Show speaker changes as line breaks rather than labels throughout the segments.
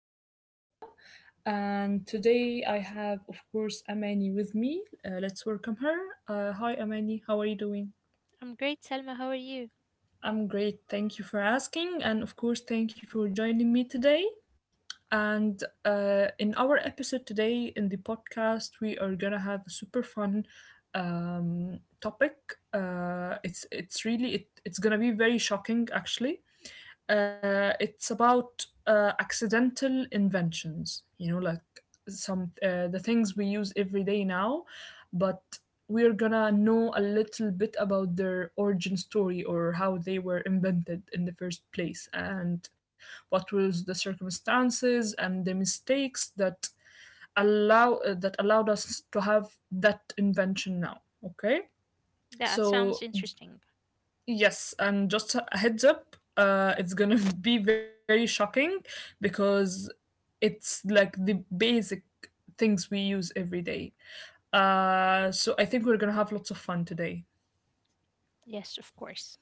is your host Salma, and today I have, of course, Amani with me. Let's welcome her. Hi, Amani. How are you doing?
I'm great, Selma. How are you?
I'm great. Thank you for asking, and of course, thank you for joining me today. And In our episode today in the podcast, we are gonna have a super fun topic. It's really it's gonna be very shocking actually. It's about accidental inventions. You know, like some the things we use every day now, but we're gonna know a little bit about their origin story or how they were invented in the first place, and what were the circumstances and the mistakes that allow that allowed us to have that invention now? Okay,
That sounds
so
interesting.
yes, and just a heads up, it's gonna be very shocking because it's like the basic things we use every day. So I think we're gonna have lots of fun today.
Yes, of course.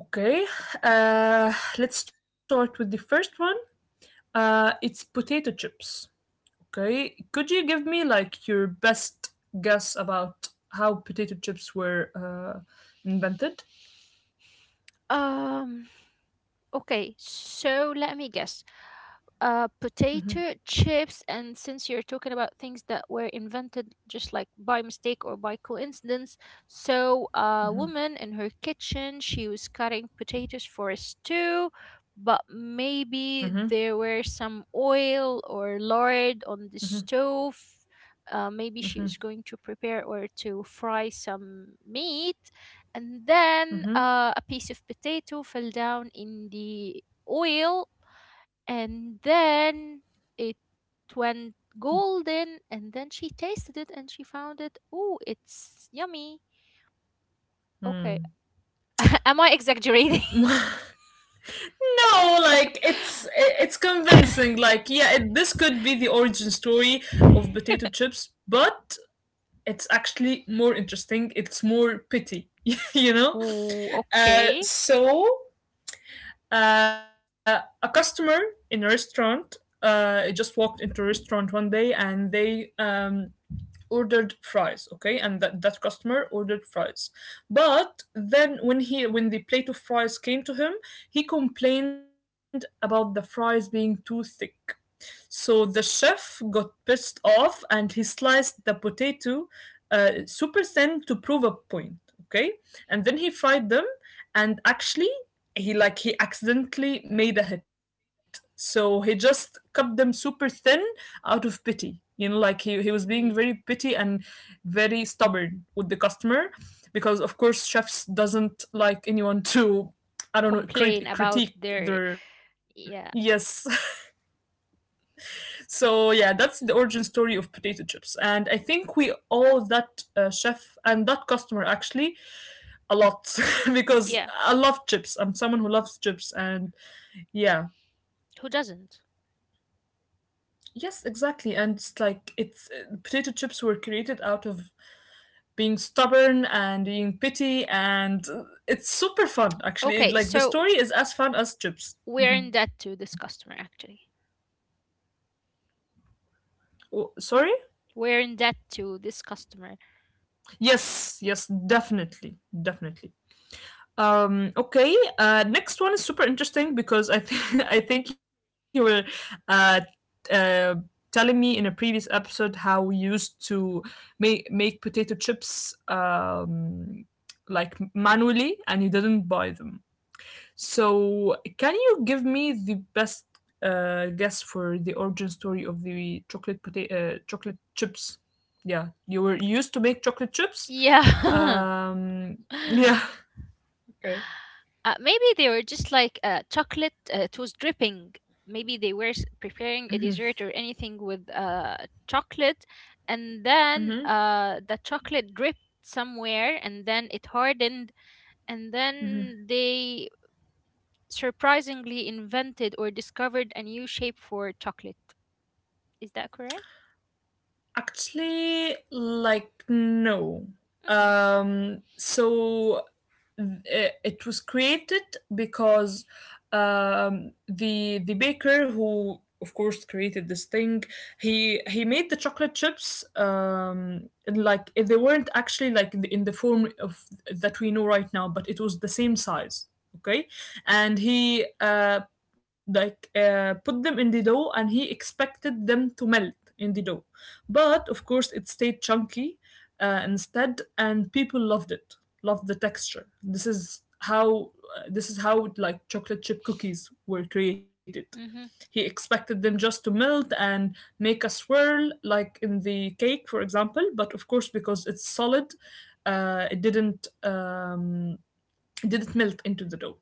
Okay, uh, let's start with the first one. It's potato chips. Okay, could you give me like your best guess about how potato chips were invented?
Um, okay, so let me guess. Potato chips, and since you're talking about things that were invented just like by mistake or by coincidence, so a woman in her kitchen, she was cutting potatoes for a stew, but maybe there were some oil or lard on the stove. Maybe she was going to prepare or to fry some meat, and then a piece of potato fell down in the oil, and then it went golden, and then she tasted it and she found it, oh, it's yummy. Okay. Am I exaggerating?
No, like it's convincing. Like yeah, it, this could be the origin story of potato chips, but it's actually more interesting. It's more pity, you know.
Ooh,
Uh,
okay.
so a customer in a restaurant just walked into a restaurant one day and they ordered fries, okay, and that customer ordered fries, but then when the plate of fries came to him, he complained about the fries being too thick. So the chef got pissed off and he sliced the potato super thin to prove a point, okay, and then he fried them. And actually, he accidentally made a hit. So he just cut them super thin out of pity, you know, like he was being
Yeah.
very pity and very stubborn with the customer because of course chefs doesn't like anyone to I don't know,
Complain about
critique
their.
their,
Yeah,
yes. So yeah, that's the origin story of potato chips, and I think we owe that chef and that customer actually a lot because
yeah.
I love chips. I'm someone who loves chips, and yeah.
Who doesn't?
Yes, exactly. And it's like it's potato chips were created out of being stubborn and being petty, and it's super fun actually.
Okay,
Like the
so
story is as fun as chips.
we're
Mhm.
in debt to this customer actually.
Oh, sorry.
We're in debt to this customer.
Yes, yes, definitely, definitely. Okay. Next one is super interesting because I think I think you were uh t- uh telling me in a previous episode how we used to make potato chips um like manually, and you didn't buy them. So can you give me the best guess for the origin story of the chocolate chips? Yeah, you were you used to make chocolate chips.
Yeah.
Um, yeah. Okay.
Maybe they were just like chocolate. It was dripping. Maybe they were preparing a dessert or anything with chocolate, and then the chocolate dripped somewhere, and then it hardened, and then they surprisingly invented or discovered a new shape for chocolate. Is that correct?
Actually, like no.
Mm-hmm.
Um, so uh, it was created because the baker who of course created this thing, he made the chocolate chips they weren't actually like in the form of that we know right now, but it was the same size, okay. And he put them in the dough, and he expected them to melt in the dough, but of course, it stayed chunky instead, and people loved it, loved the texture. This is how like chocolate chip cookies were created.
Mm-hmm.
He expected them just to melt and make a swirl, like in the cake, for example. But of course, because it's solid, uh, it didn't um, it didn't melt into the dough.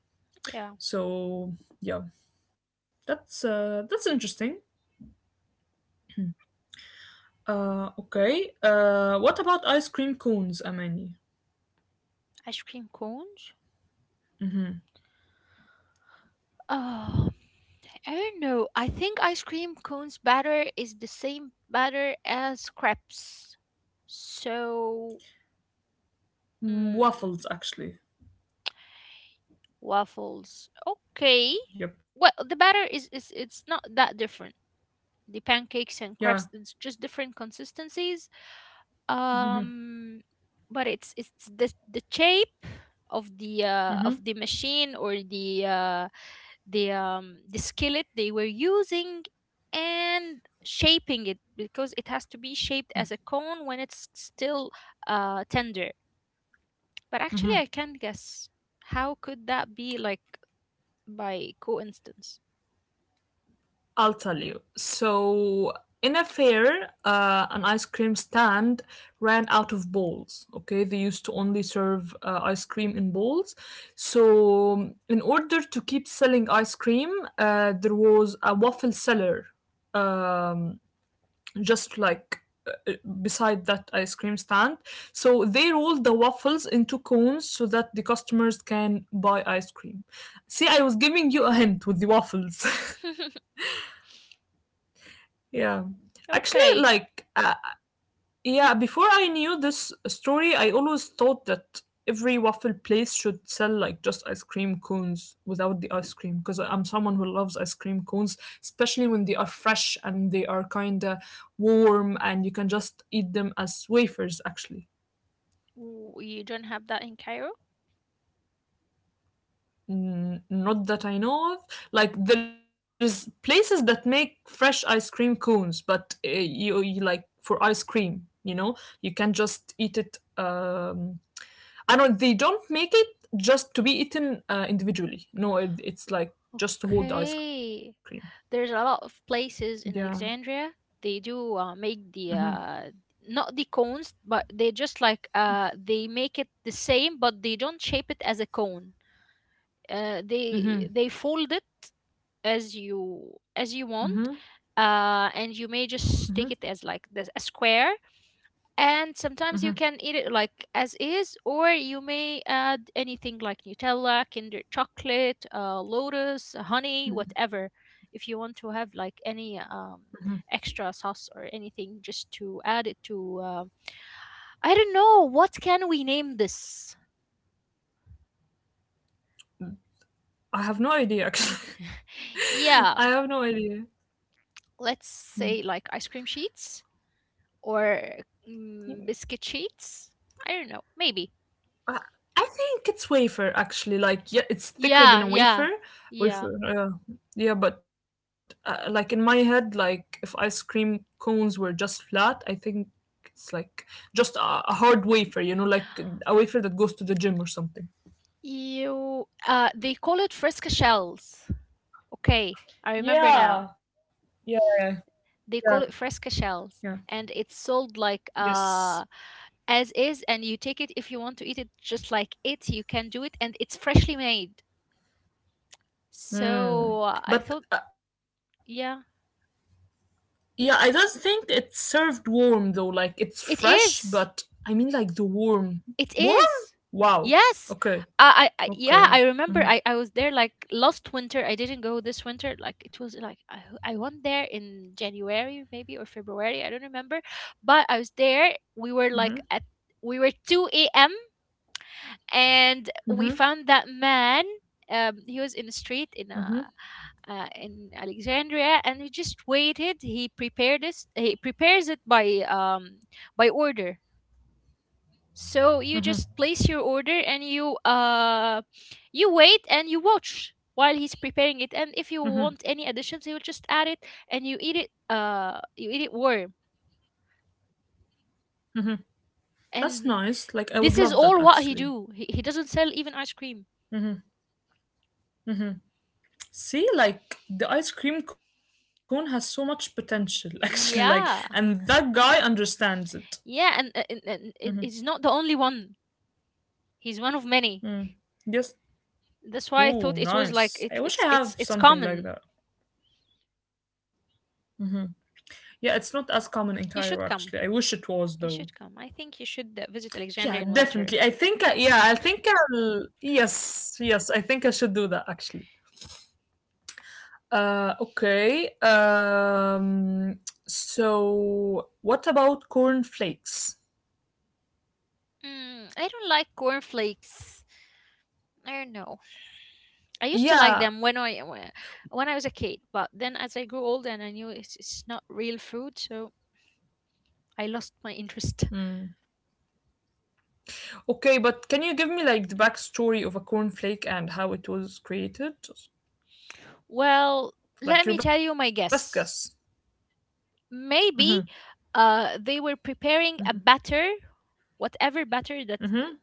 Yeah.
So yeah, that's interesting. Okay. What about ice cream cones, Amani?
Ice cream cones. Oh. I don't know. I think ice cream cones batter is the same batter as crepes. So,
Mm,
mm,
waffles, actually.
waffles. Okay.
Yep.
Well, the batter is it's not that different. The pancakes and
Yeah.
crepes, it's just different consistencies. um but it's the shape of the machine or the the skillet they were using and shaping it because it has to be shaped as a cone when it's still tender. But actually I can guess how could that be like by coincidence.
I'll tell you. So, in a fair, an ice cream stand ran out of bowls. Okay, they used to only serve ice cream in bowls. So, in order to keep selling ice cream, there was a waffle seller um, just like uh, beside that ice cream stand. So they rolled the waffles into cones so that the customers can buy ice cream. See, I was giving you a hint with the waffles. Yeah. Actually,
Okay.
like, yeah, before I knew this story, I always thought that every waffle place should sell like just ice cream cones without the ice cream because I'm someone who loves ice cream cones, especially when they are fresh and they are kind of warm and you can just eat them as wafers actually.
You don't have that in Cairo?
Mm, not that I know of. Like there is places that make fresh ice cream cones, but you, you like for ice cream, you know, you can just eat it I don't. They don't make it just to be eaten individually. No, it, it's like just to hold the
Okay.
ice cream.
There's a lot of places in
Yeah.
Alexandria. They do make the
Hmm.
not the cones, but they just like they make it the same, but they don't shape it as a cone. They
Hmm.
fold it as you
Hmm.
want, and you may just
Hmm.
take it as like this, a square, and sometimes you can
Hmm.
eat it like as is, or you may add anything like Nutella, Kinder chocolate, Lotus, honey, whatever if you want to have like any extra sauce or anything just to add it to I don't know, what can we name this?
I have no idea. Actually,
Yeah,
I have no idea.
let's
Mm.
say like ice cream sheets or mm,
You-
biscuit sheets. I don't know, maybe.
I, I think it's wafer. Actually, like yeah, it's thicker than
Yeah,
a
yeah,
wafer.
yeah.
Wafer. Yeah, but like in my head, like if ice cream cones were just flat, I think it's like just a hard wafer. You know, like a wafer that goes to the gym or something.
You, they call it fresca shells. Okay, I remember
Yeah.
now.
Yeah. Yeah,
They call it fresca
yeah.
shells, and it's sold like
Yes.
as is, and you take it if you want to eat it just like it. You can do it, and it's freshly made.
Mm.
So uh, I
But
thought, yeah,
yeah, I don't think it's served warm though. Like it's fresh,
it
but I
is.
mean like the warm, warm.
It is.
Wow.
Yes.
Okay.
I Yeah,
Okay.
I remember
Mhm.
I was there like last winter. I didn't go this winter. Like it was like I went there in January maybe or February. I don't remember. But I was there.
Mhm.
We were 2 a.m. and we
Mhm.
found that man. He was in the street in
Mhm.
a in Alexandria, and we just waited. He prepared this. He prepares it by order. So you
Mhm.
just place your order and you you wait and you watch while he's preparing it, and if you
Mhm.
want any additions you'll just add it, and you eat it, you eat it warm.
Mhm. That's
And
nice. Like I would love
this is
that
all what
actually.
he do. He doesn't sell even ice cream.
Mhm. Mhm. See, like the ice cream cone has so much potential actually. Like, and
Yeah,
that guy understands it.
yeah. and, uh, and,
Mhm.
and it's not the only one. He's one of many.
Mm. Yes.
That's why I
Ooh,
thought it was like
nice. I wish I
it's
have
it's
something like
common.
that. Yeah, it's not as common in Cairo actually.
You
I
should
wish it
come.
was though.
You should come. I think you should visit
Yeah,
Alexandria in
definitely.
winter.
Yeah, I think I'll yes, yes, I think I should do that actually. Okay. So what about cornflakes?
Mm, I don't like cornflakes. I don't know. I used to like
Yeah.
them when when I was a kid, but then as I grew older and I knew it's not real food, so I lost my interest.
Mm. Okay, but can you give me like the backstory of a cornflake and how it was created?
Well, let me
Like your
tell you
best
my
guess.
guess.
Mm-hmm.
Maybe they were
Mm-hmm.
preparing a batter, whatever batter that
Mm-hmm.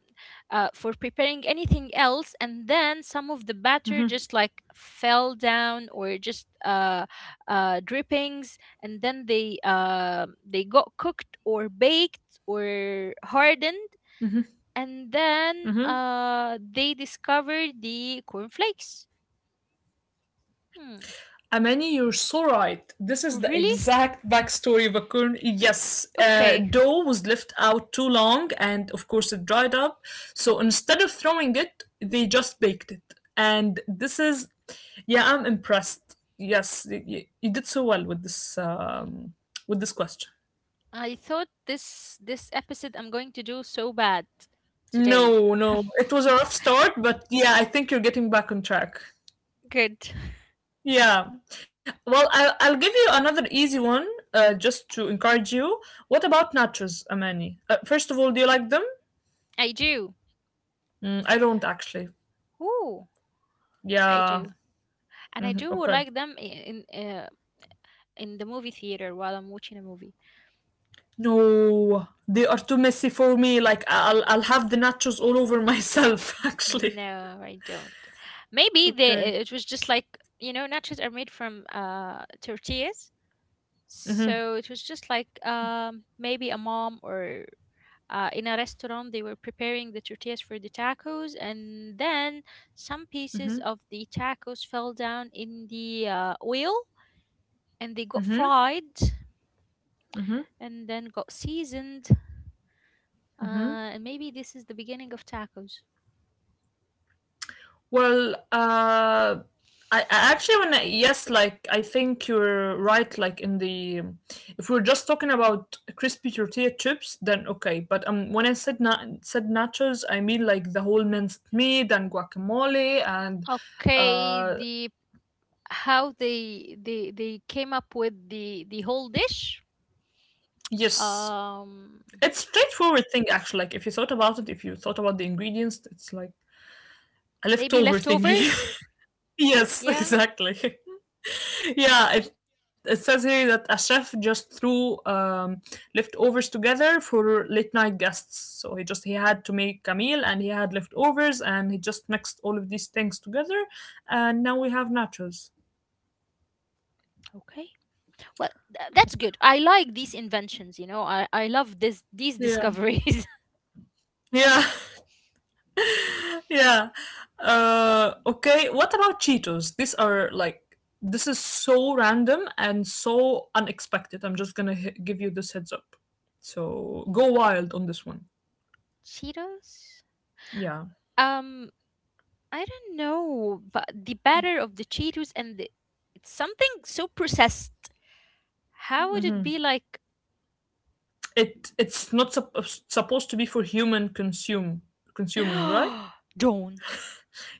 for preparing anything else, and then some of the batter
Mm-hmm.
just like fell down or just drippings, and then they got cooked or baked or hardened, and then
Mm-hmm.
they discovered the cornflakes. Hmm.
Amani, you're so right. This is the
Really?
exact backstory of a corn. Yes,
Okay.
dough was left out too long, and of course it dried up. So instead of throwing it, they just baked it. And this is, yeah, I'm impressed. Yes, you did so well with this question.
I thought this this episode I'm going to do so bad today.
No, no, it was a rough start, but yeah, I think you're getting back on track.
Good.
Yeah. Well, I'll give you another easy one just to encourage you. What about nachos, Amani? First of all, do you like them?
I do.
Mm, I don't actually.
Ooh. I
Yeah.
do. And I
Mhm,
do
okay.
like them in the movie theater while I'm watching a movie.
No, they are too messy for me. Like, I'll have the nachos all over myself, actually.
No, I don't. Maybe they
Okay.
it was just like, you know, nachos are made from tortillas, so it was just like maybe a mom or in a restaurant they were preparing the tortillas for the tacos, and then some pieces of the tacos fell down in the oil, and they got fried and then got seasoned. And maybe this is the beginning of tacos.
Well, I actually wanna yes, like I think you're right. Like in the, if we're just talking about crispy tortilla chips, then okay. But when I said nachos, I mean like the whole minced meat and guacamole and,
Okay,
uh,
the how they came up with the whole dish.
yes,
Um,
it's straightforward thing actually. Like if you thought about it, if you thought about the ingredients, it's like a
Maybe
leftover thingy.
leftovers.
Yes,
Yeah.
exactly. Yeah, it says here that a chef just threw leftovers together for late night guests. So he just he had to make a meal, and he had leftovers, and he just mixed all of these things together, and now we have nachos.
Okay. Well, that's
Okay.
good. I like these inventions. You know, I love this these
Yeah,
discoveries.
yeah, yeah. Okay. What about Cheetos? These are like this is so random and so unexpected. I'm just gonna give you this heads up. So go wild on this one.
Cheetos?
Yeah.
Um, I don't know, but the batter of the Cheetos and the it's something so processed. How would
Mm-hmm.
it be like?
It it's not supposed to be for human consume consuming, right?
Don't.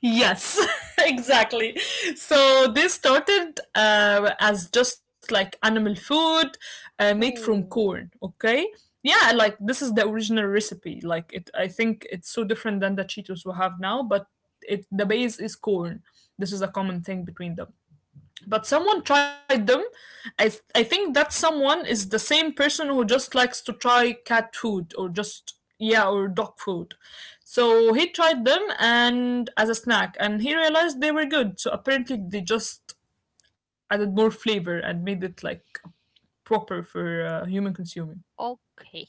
Yes, exactly. So this started as just like animal food made from
Ooh.
corn. Okay, yeah, like this is the original recipe. Like it, I think it's so different than the Cheetos we have now, but it the base is corn. This is a common thing between them, but someone tried them. I think that someone is the same person who just likes to try cat food or just yeah or dog food. So he tried them and as a snack, and he realized they were good. So apparently they just added more flavor and made it like proper for human consuming.
Okay.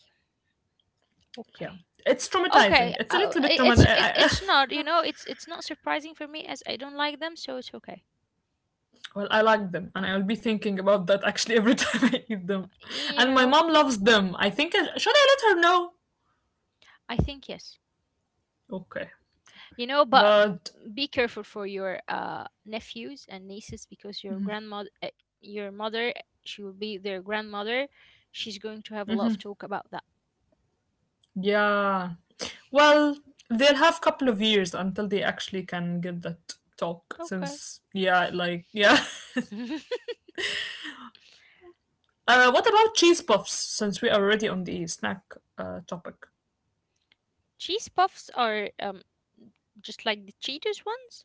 Okay.
Yeah, it's
Okay.
traumatizing. It's a little bit traumatizing.
It's it's not. You know, it's not surprising for me as I don't like them, so it's okay.
Well, I like them, and I'll be thinking about that actually every time I eat them.
You
And my
know,
mom loves them. Should I let her know?
I think yes.
Okay.
You know,
But
be careful for your nephews and nieces because your grandmother, your mother, she will be their grandmother. She's going to have a lot of talk about that.
yeah, well, they'll have couple of years until they actually can get that talk.
Okay.
Since yeah, like yeah. What about cheese puffs? Since we are already on the snack topic.
Cheese puffs are just like the Cheetos ones.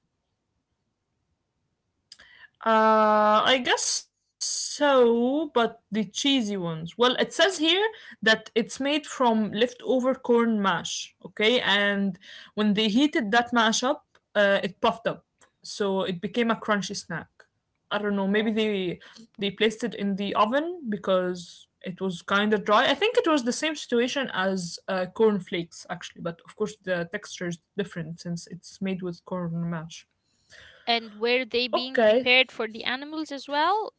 I guess so, but the cheesy ones. Well, it says here that it's made from leftover corn mash, okay? And when they heated that mash up, it puffed up, so it became a crunchy snack. I don't know, maybe
Well,
they placed it in the oven because it was kind of dry. I think it was the same situation as corn flakes actually, but of course the texture is different since it's made with corn mash.
and were they being
Okay,
prepared for the animals as well?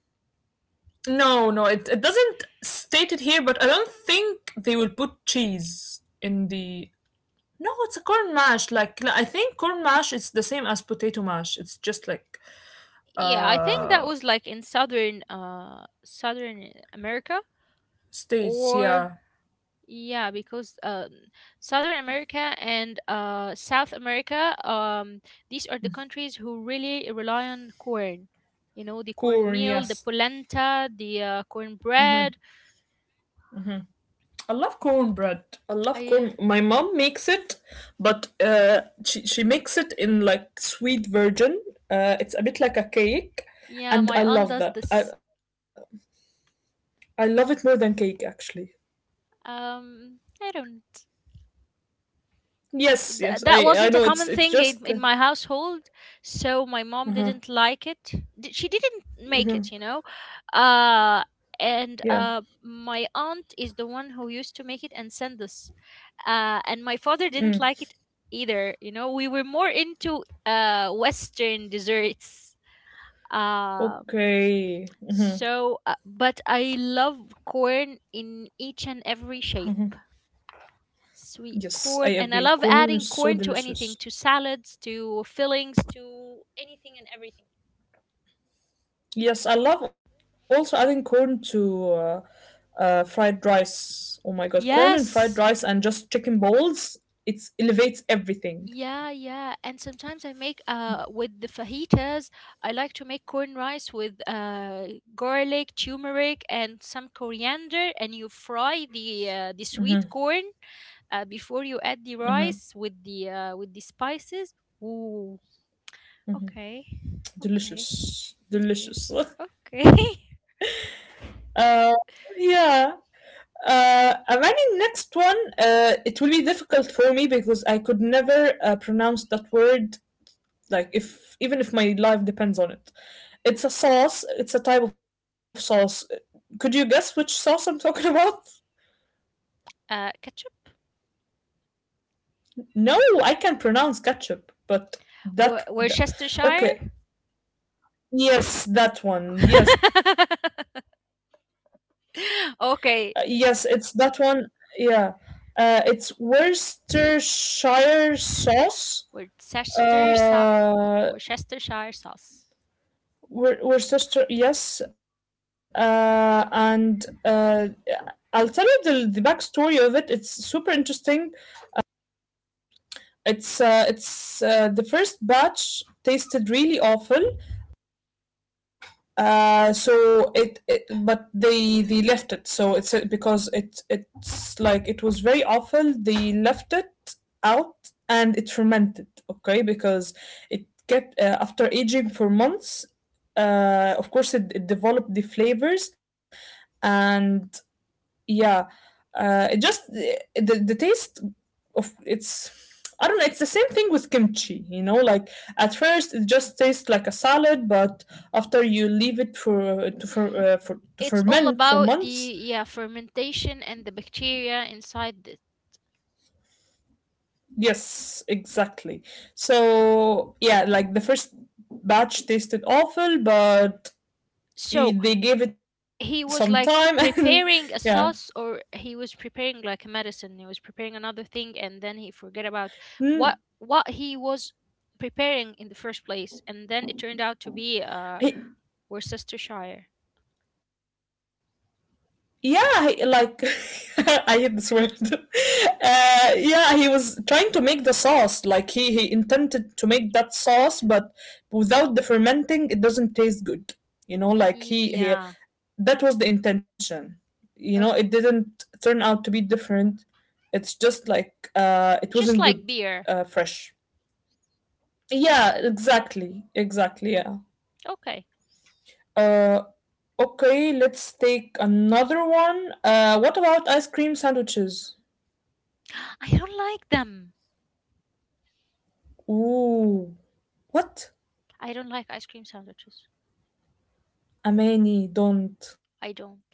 it doesn't state it here, but I don't think they will put cheese in the. No, it's a corn mash. Like no, I think corn mash is the same as potato mash. It's just like
Yeah, I think that
uh
was like in southern southern America
states,
or
yeah.
yeah, because Southern America and South America, these are the countries who really rely on corn. You know, the
Corn,
cornmeal, the
yes.
polenta, the cornbread.
I love cornbread. I love
I
corn. My mom makes it, but she makes it in like sweet version. It's a bit like a cake,
Yeah,
and I
my aunt
love
does
that. I
this.
I love it more than cake actually.
I don't.
Yes, yes, I
That
I
wasn't a
know it's
common
it's
thing
just
in my household, so my mom didn't
uh
like it. She didn't make it, you know. uh
yeah.
and my aunt is the one who used to make it and send us. And my father didn't like it either. You know, we were more into western desserts. um
Okay.
so but I love corn in each and every shape. Sweet corn.
Yes, I
And I love
agree.
adding
Corn
corn
is
to
so
anything, to
delicious.
salads, to fillings, to anything and everything.
Yes, I love also adding corn to fried rice. Oh my god, corn and
Yes.
fried rice and just chicken balls. It elevates everything.
Yeah, yeah. And sometimes I make with the fajitas, I like to make corn rice with garlic, turmeric and some coriander, and you fry the sweet corn, before you add the rice with the spices. Ooh. Okay. Okay. It
Delicious.
is.
Delicious.
Okay.
uh yeah. Amani, next one. It will be difficult for me because I could never pronounce that word, like if even if my life depends on it. It's a sauce, it's a type of sauce. Could you guess which sauce I'm talking about?
Ketchup?
No, I can pronounce ketchup but that, that
Worcestershire?
Okay, yes, that one, yes.
Okay.
Yes, it's that one, yeah. Uh, it's Worcestershire sauce.
Worcestershire,
Uh,
Worcestershire sauce.
Worcestershire, yes. And I'll tell you the backstory of it. It's super interesting. It's The first batch tasted really awful. So it, it but they left it. So it's because it it's like it was very awful. They left it out and it fermented. Okay, because it get after aging for months. Of course, it developed the flavors, and yeah, it just the taste of it's, I don't know. It's the same thing with kimchi, you know. Like at first, it just tastes like a salad, but after you leave it for to for, for to
It's all
ferment for
about the
months,
yeah fermentation and the bacteria inside the.
yes, exactly. So yeah, like the first batch tasted awful, but
So
they gave it some
he
time,
was like
and yeah.
preparing a sauce, or he was preparing like a medicine. He was preparing another thing, and then he forget about
Mm.
what he was preparing in the first place, and then it turned out to be Worcestershire.
Yeah, he- like I hate this word. Yeah, he was trying to make the sauce. Like he intended to make that sauce, but without the fermenting, it doesn't taste good. You know, like he
Yeah,
that was the intention. You know, it
oh,
didn't turn out to be different. It's just like it wasn't
just like
good
beer.
fresh. Yeah, exactly, exactly. Yeah.
Okay,
Uh, okay, let's take another one. What about ice cream sandwiches?
I don't like them.
Ooh, what?
I don't like ice cream sandwiches.
Amani, don't.
I don't.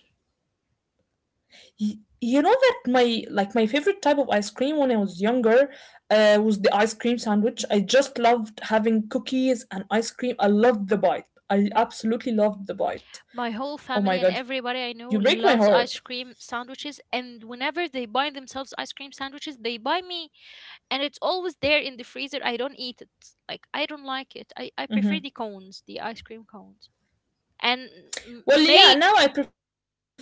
Y- you know that my favorite type of ice cream when I was younger was the ice cream sandwich. I just loved having cookies and ice cream. I loved the bite. I
No.
absolutely loved the bite.
My whole
Oh
family
my
and
god, you break
everybody
my
I know
heart.
loves ice cream sandwiches, and whenever they buy themselves ice cream sandwiches, they buy me, and it's always there in the freezer. I don't eat it. Like, I don't like it. I prefer
Hmm.
the cones, the ice cream cones. And m-
Well, yeah,
may
now I prefer cones.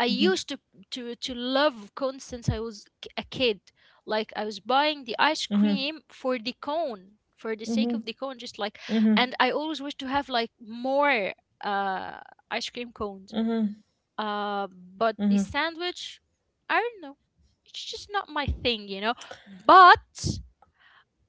I used to love cones since I was a kid. Like I was buying the ice
Mm-hmm.
cream for the cone, for the sake
Mm-hmm.
of the cone, just like,
Mm-hmm.
and I always wish to have like more uh ice cream cones.
Mm-hmm.
Uh, but the
Mm-hmm.
sandwich, I don't know, it's just not my thing, you know. But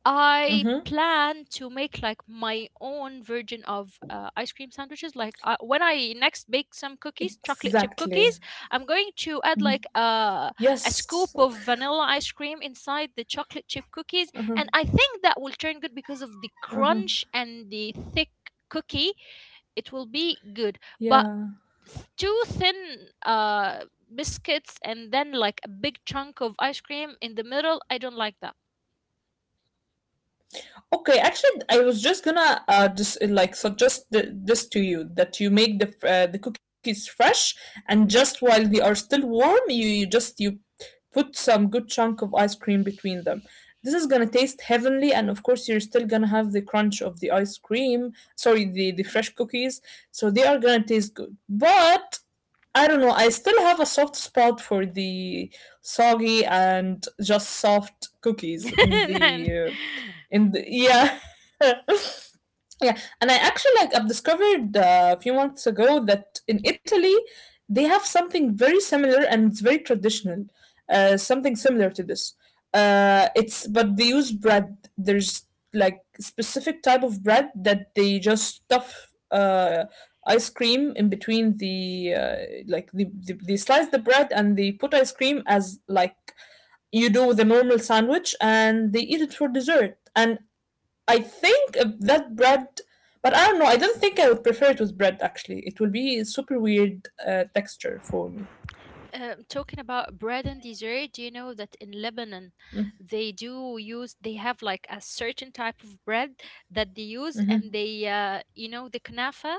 I
Mm-hmm.
plan to make like my own version of ice cream sandwiches. Like when I next bake some cookies,
Exactly.
chocolate chip cookies, I'm going
Mhm.
to add like a
Yes.
scoop of vanilla ice cream inside the chocolate chip cookies, and I think that will turn good because of the
Uh-huh.
crunch and the thick cookie. It will be good, but
Yeah.
too thin. Biscuits and then like a big chunk of ice cream in the middle, I don't like that.
Okay. Actually, I was just gonna just like suggest this to you that you make the cookies fresh, and just while they are still warm, you put some good chunk of ice cream between them. This is gonna taste heavenly, and of course, you're still gonna have the crunch of the ice cream. Sorry, the fresh cookies. So they are gonna taste good, but I don't know. I still have a soft spot for the soggy and just soft cookies in
And
the yeah. Yeah, and I actually I've discovered a few months ago that in Italy they have something very similar and it's very traditional. Something similar to this. It's but they use bread. There's like specific type of bread that they just stuff ice cream in between they slice the bread and they put ice cream as like you do with a normal sandwich, and they eat it for dessert. And I think that bread, but I don't know. I don't think I would prefer it with bread. Actually, it will be super weird texture for me.
Talking about bread and dessert, do you know that in Lebanon they do use they have like a certain type of bread that they use? And
Hmm.
they, you know, the knafa,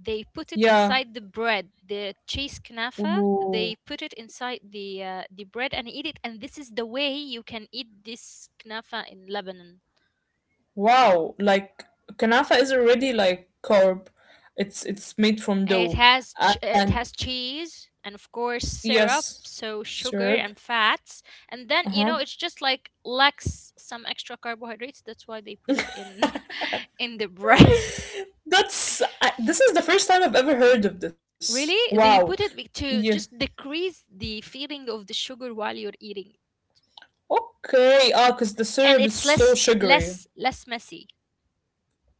they put it
Yeah.
inside the bread, the cheese knafa,
Ooh.
they put it inside the bread and eat it, and this is the way you can eat this knafa in Lebanon.
Wow. Like kanafa is already like carb. It's made from
And it
dough,
has
and
it has cheese and of course syrup,
yes,
so sugar
syrup.
and fats, and then,
Uh
you
huh.
know, it's just like lacks some extra carbohydrates. That's why they put it in in the bread.
That's I, this is the first time I've ever heard of this.
Really,
Wow.
they put it
Yeah.
to just decrease the feeling of the sugar while you're eating,
Okay. Ah, because the
and
syrup is
it's
so
less
sugary.
less less messy.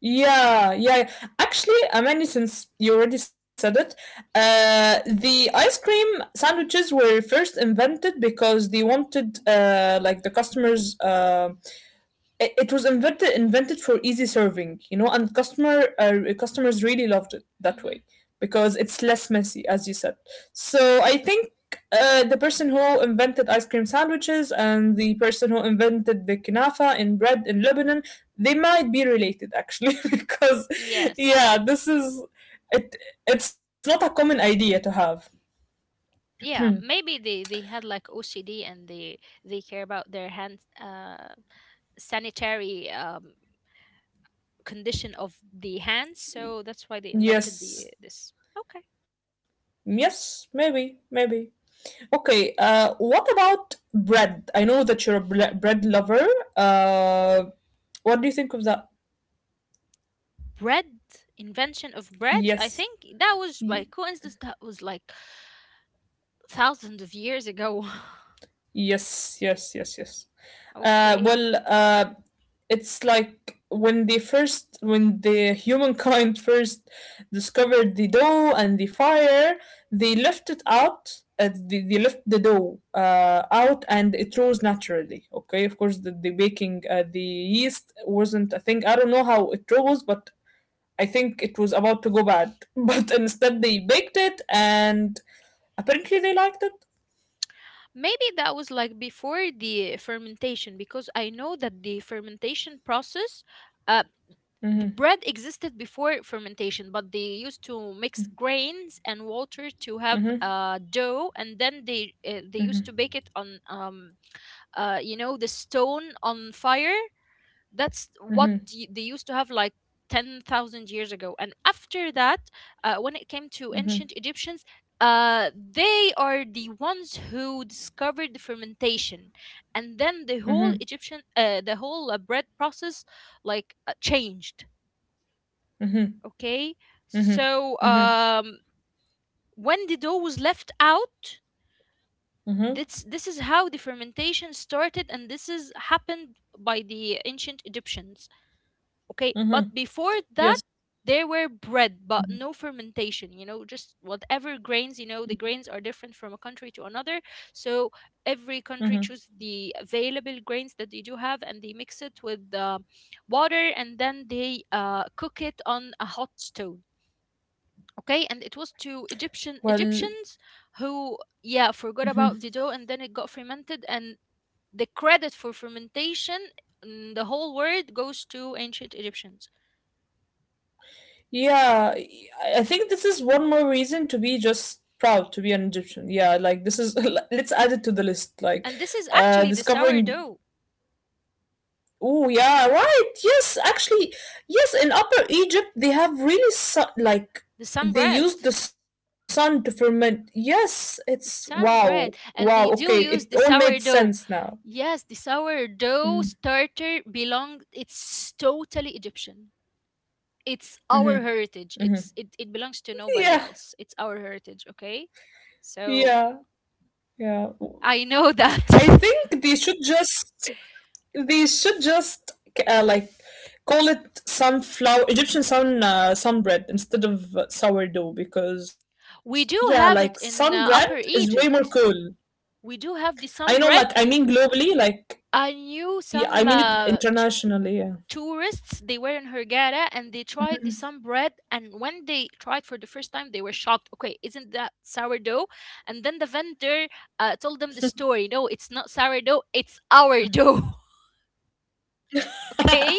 Yeah, yeah. Actually, Amani, since you already said it, the ice cream sandwiches were first invented because they wanted, the customers, it It was invented for easy serving, you know, and customers really loved it that
Hmm.
way because it's less messy, as you said. So I think the person who invented ice cream sandwiches and the person who invented the knafa in bread in Lebanon, they might be related actually because
Yes.
yeah, this is it. It's not a common idea to have.
Yeah, maybe they had like OCD and they care about their hand, uh, sanitary, um, condition of the hands, so that's why they invented the
Yes,
this. Okay.
yes, maybe, maybe. Okay, what about bread? I know that you're a bread lover. Uh, what do you think of that?
Bread. Invention of bread, I
Yes.
think that was by coincidence. That was like thousands of years ago.
Yes, yes, yes, yes. Uh,
Okay.
well, uh, it's like when they first, when the humankind first discovered the dough and the fire, they left it out. They left the dough out and it rose naturally. Okay, of course, the baking, the yeast wasn't a thing. I don't know how it rose, but I think it was about to go bad. But instead, they baked it and apparently they liked it.
Maybe that was like before the fermentation, because I know that the fermentation process, uh, the bread existed before fermentation, but they used to mix grains and water to have,
Mm-hmm,
dough, and then they used to bake it on, you know, the stone on fire. That's what they used to have like 10,000 years ago. And after that, when it came to ancient Egyptians, they are the ones who discovered the fermentation, and then the whole
mm-hmm,
Egyptian, the whole bread process, like, changed.
mm-hmm.
Okay, so,
Mm-hmm. Mm-hmm.
when the dough was left out,
Mm-hmm.
this is how the fermentation started, and this is happened by the ancient Egyptians. Okay, but
Mm-hmm.
before that,
Yes.
there were bread, but no fermentation, you know, just whatever grains, you know, the grains are different from a country to another. So every
Mm-hmm.
country choose the available grains that they do have, and they mix it with, water, and then they, cook it on a hot stone. Okay, and it was to
Well,
Egyptians who, yeah, forgot about the dough and then it got fermented, and the credit for fermentation in the whole world goes to ancient Egyptians.
yeah, I think this is one more reason to be just proud to be an Egyptian. Yeah, like this is let's add it to the list. Like,
And this is actually the
discovering.
sourdough.
Oh yeah, right. Yes, actually, yes. In Upper Egypt, they have really
The sun
they
bread.
use the sun to ferment. Yes, it's
The
wow,
sun
wow.
bread,
Okay,
and they
it
do
all
use
made
the
sense
sourdough.
now.
Yes, the
Mm-hmm.
sourdough starter belong, it's totally Egyptian. It's our
Mm-hmm.
heritage. It belongs to nobody
Yeah,
else. It's our heritage. Okay,
yeah,
so
yeah.
I know
I
that
think they should just like call it sunflower Egyptian sun sun bread instead of sourdough because yeah,
we do
like
have it
sun bread
in,
is
Upper
way more cool.
Egypt. We do have the
I know,
sun
like I
bread.
mean globally, like
I knew
yeah, I
some,
mean it internationally. Yeah,
tourists, they were in Hurghada and they tried the sun bread. And when they tried for the first time, they were shocked. Okay, isn't that sourdough? And then the vendor, told them the story. No, it's not sourdough, it's our dough. Okay.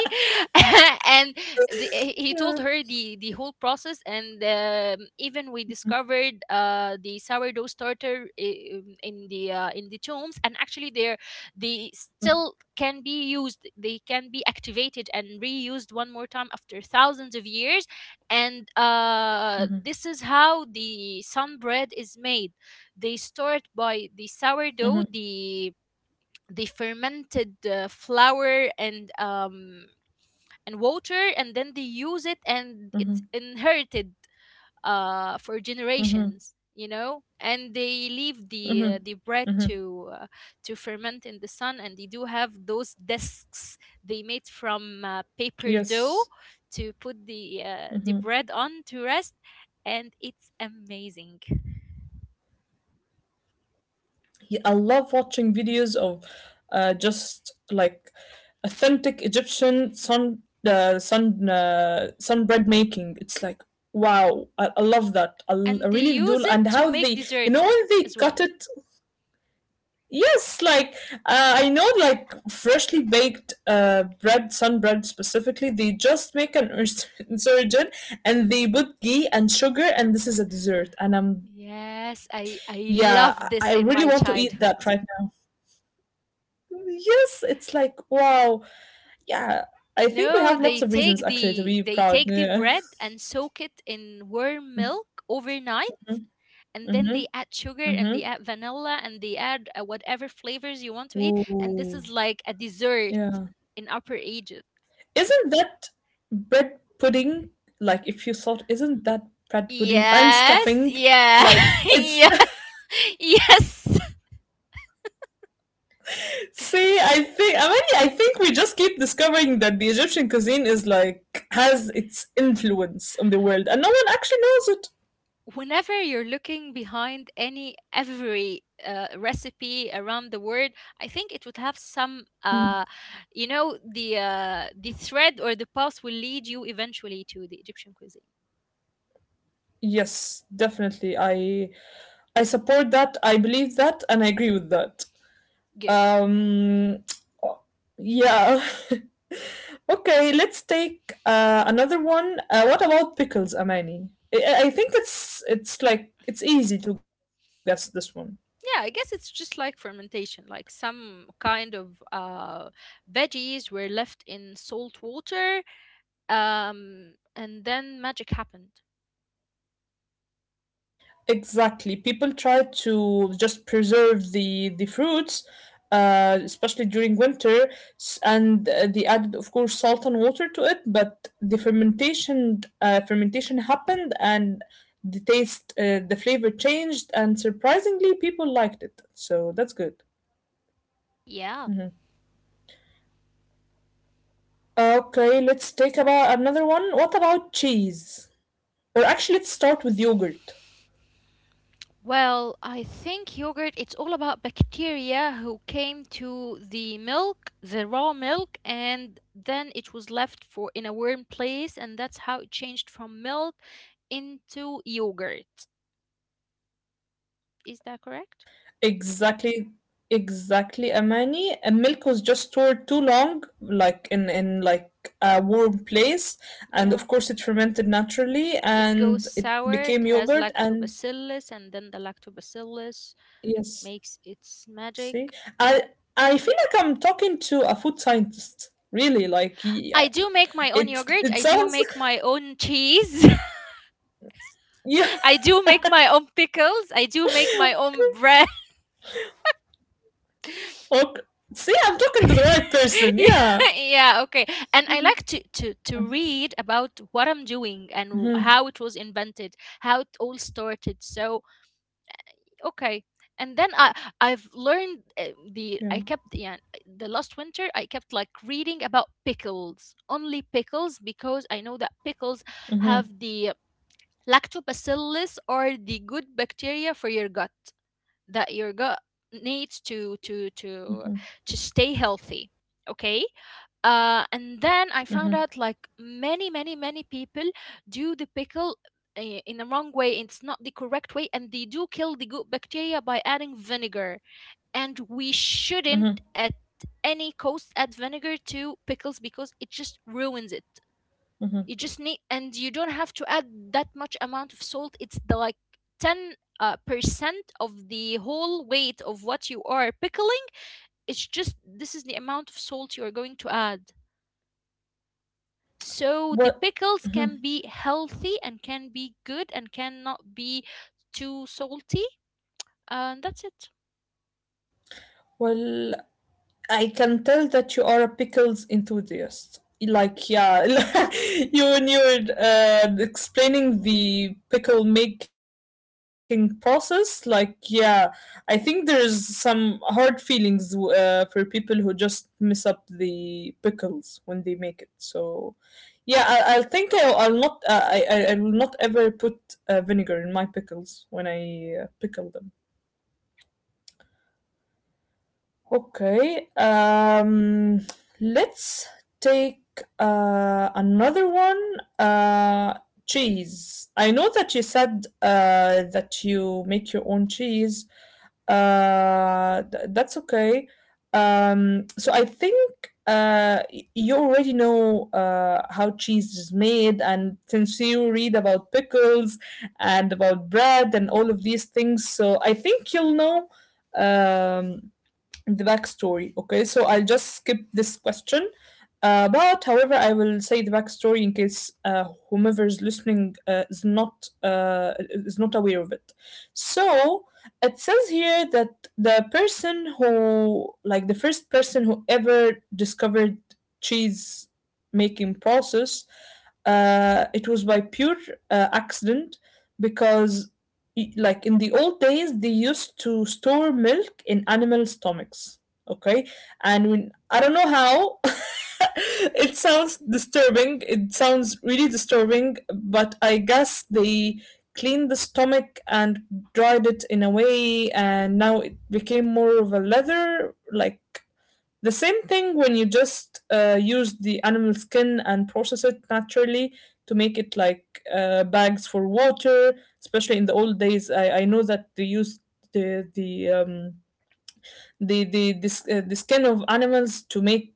And he told
yeah.
her the whole process, and, even we discovered, uh, the sourdough starter, in the, in the tombs, and actually they're they still can be used, they can be activated and reused one more time after thousands of years. And, uh,
Mm-hmm,
this is how the sun bread is made. They start by the
mm-hmm,
sourdough, the fermented, flour and, um, and water, and then they use it, and it's
mm-hmm,
inherited, for
mm-hmm,
generations, you know. And they leave the,
mm-hmm.
bread to, to ferment in the sun, and they do have those discs they made from, paper dough
Yes.
to put the, bread on to rest, and it's amazing.
Yeah, I love watching videos of just like authentic Egyptian sun sunbread making. It's like wow, I love that. I
And they
really do.
use it
And
to
how
make
they, you know,
desserts,
when they
as
cut
well.
it, yes, like I know, like freshly baked bread, sunbread specifically, they just make an insurgent, and they put ghee and sugar, and this is a dessert. And I'm
Yes,
yeah,
I I
I really
love
want to
this
eat
in my
that right.
childhood.
Yes, it's like, wow. Yeah, I think we have lots
No,
of
they
reasons
take
actually to be
they
proud.
take the
Yeah.
bread and soak it in warm milk overnight,
Mhm,
and then
mhm,
they add sugar and they
mhm.
add vanilla and they add, whatever flavors you want to eat, and this is
Ooh,
like a dessert
yeah.
in Upper Egypt.
Isn't that bread pudding, like if you thought, isn't that bread pudding and
Yes,
stuffing?
yeah,
Like it's
yeah, yes.
see, I think we just keep discovering that the Egyptian cuisine is like has its influence on the world and no one actually knows it.
Whenever you're looking behind any every, recipe around the world, I think it would have some,
Hmm.
you know, the, the thread or the path will lead you eventually to the Egyptian cuisine.
Yes, definitely. I support that. I believe that, and I agree with that.
Good.
Um, yeah. Okay, let's take another one. What about pickles, Amani? I think it's easy to guess this one.
Yeah, I guess it's just like fermentation, like some kind of, veggies were left in salt water, and then magic happened.
Exactly. People try to just preserve the fruits, especially during winter, and they added, of course, salt and water to it. But the fermentation happened, and the taste, the flavor changed, and surprisingly, people liked it. So that's good.
Yeah.
Mhm. Okay, let's take about another one. What about cheese? Or actually, let's start with yogurt.
Well, I think yogurt, it's all about bacteria who came to the milk, the raw milk, and then it was left for in a warm place, and that's how it changed from milk into yogurt. Is that correct?
Exactly, exactly, Amani. And milk was just stored too long, like in like a warm place, and
Yeah.
of course it fermented naturally,
It goes
and it
sour, it
became
has
yogurt. And
lactobacillus, and then the lactobacillus
yes,
makes its magic.
see, I I feel like I'm talking to a food scientist. Really, like
I
yeah,
do make my own
it
yogurt,
it
I do
sounds
make my own cheese.
yeah.
I do make my own pickles. I do make my own bread.
Okay. See, I'm talking to the right person. Yeah.
Yeah, yeah, okay. And I like to, to read about what I'm doing and
Mhm.
how it was invented, how it all started. So okay, and then I've learned, the
Yeah.
I kept, yeah, the last winter I kept like reading about pickles, only pickles, because I know that pickles have
Mhm.
the lactobacillus or the good bacteria for your gut that your gut needs to
Mhm.
to stay healthy. Okay, and then I found out like many, many, many people do the pickle in the wrong way. It's not the correct way, and they do kill the good bacteria by adding vinegar. And we
Mhm.
shouldn't at any cost add vinegar to pickles because it just ruins it.
Mhm.
You just need, and you don't have to add that much amount of salt. It's the like ten percent of the whole weight of what you are pickling. It's just this is the amount of salt you are going to add. So the
What?
pickles can be healthy and can be good and cannot be too salty. And that's it.
Well, I can tell that you are a pickles enthusiast. Like, yeah, you when you were explaining the pickle making process, like, yeah, I think there's some hard feelings for people who just mess up the pickles when they make it. So, I think I will not ever put vinegar in my pickles when I pickle them. Okay, um, let's take another one. Uh, Cheese. I know that you said that you make your own cheese. That's okay. So I think you already know how cheese is made, and since you read about pickles and about bread and all of these things, so I think you'll know. Um, the backstory. Okay, so I'll just skip this question but however, I will say the backstory in case whomever is listening is not aware of it. So it says here that the person who, like the first person who ever discovered cheese making process, it was by pure accident because, like in the old days, they used to store milk in animal stomachs. Okay, and when I don't know how. It sounds disturbing. It sounds really disturbing, but I guess they cleaned the stomach and dried it in a way, and now it became more of a leather. Like the same thing when you just use the animal skin and process it naturally to make it like bags for water, especially in the old days. I know that they used the, the um, the skin of animals to make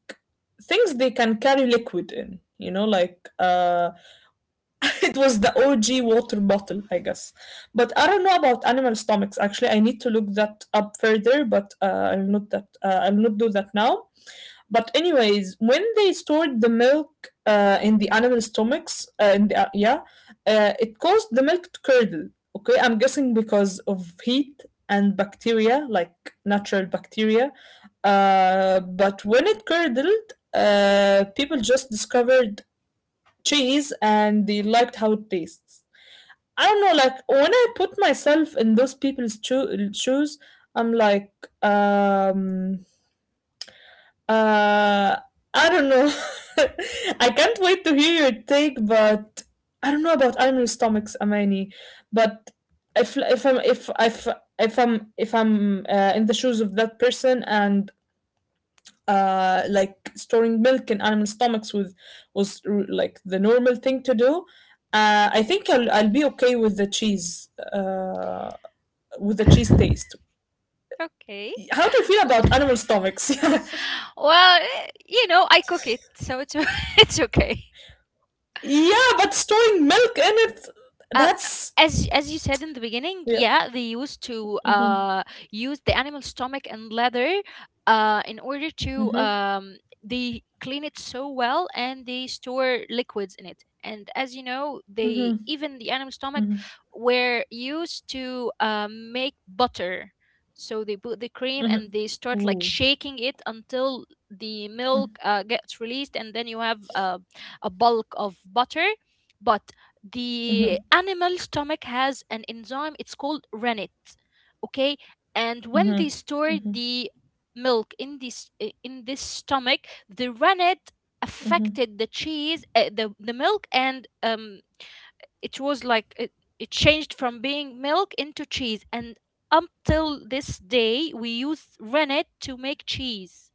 things they can carry liquid in. It was the OG water bottle, I guess. But I don't know about animal stomachs. Actually, I need to look that up further, but I'll not do that now. But anyways, when they stored the milk in the animal stomachs, it caused the milk to curdle. Okay, I'm guessing because of heat and bacteria, like natural bacteria. But when it curdled, people just discovered cheese and they liked how it tastes. I don't know, like when I put myself in those people's shoes, I'm like, um, uh, I don't know. I can't wait to hear your take, but I don't know about animal stomachs, Amani. But if I'm if I'm if I'm in the shoes of that person and like storing milk in animal stomachs was like the normal thing to do. Uh, I think I'll be okay with the cheese taste.
Okay.
How do you feel about animal stomachs? Yeah,
Well, eh, you know, I cook it, so it's it's okay.
yeah, but storing milk in
Um,
it—that's
as you said in the beginning,
yeah.
yeah, they used to,
Mm-hmm,
uh, use the animal stomach and leather, uh, in order to,
mm-hmm,
um, they clean it so well and they store liquids in it, and as you know, they
mm-hmm,
even the animal stomach
mm-hmm.
were used to, make butter. So they put the cream and they start like
Ooh.
shaking it until the milk, gets released, and then you have, a bulk of butter. But the animal stomach has an enzyme, it's called rennet. Okay, and when they
Mm-hmm.
store the milk in this stomach, the rennet affected the cheese, the milk, and, um, it was like it changed from being milk into cheese, and up till this day we use rennet to make cheese.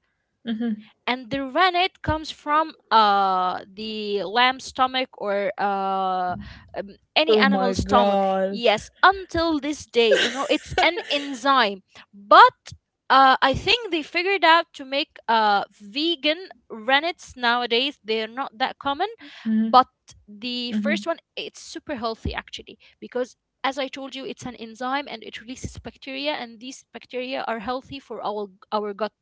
And the rennet comes from, uh, the lamb's stomach or, uh, um, any
Oh my
animal's stomach.
god.
Yes, until this day, you know, it's an enzyme. But, I think they figured out to make, vegan rennets nowadays. They're not that common,
Mm-hmm,
but the
mm-hmm.
first one, it's super healthy actually, because as I told you, it's an enzyme and it releases bacteria, and these bacteria are healthy for our gut.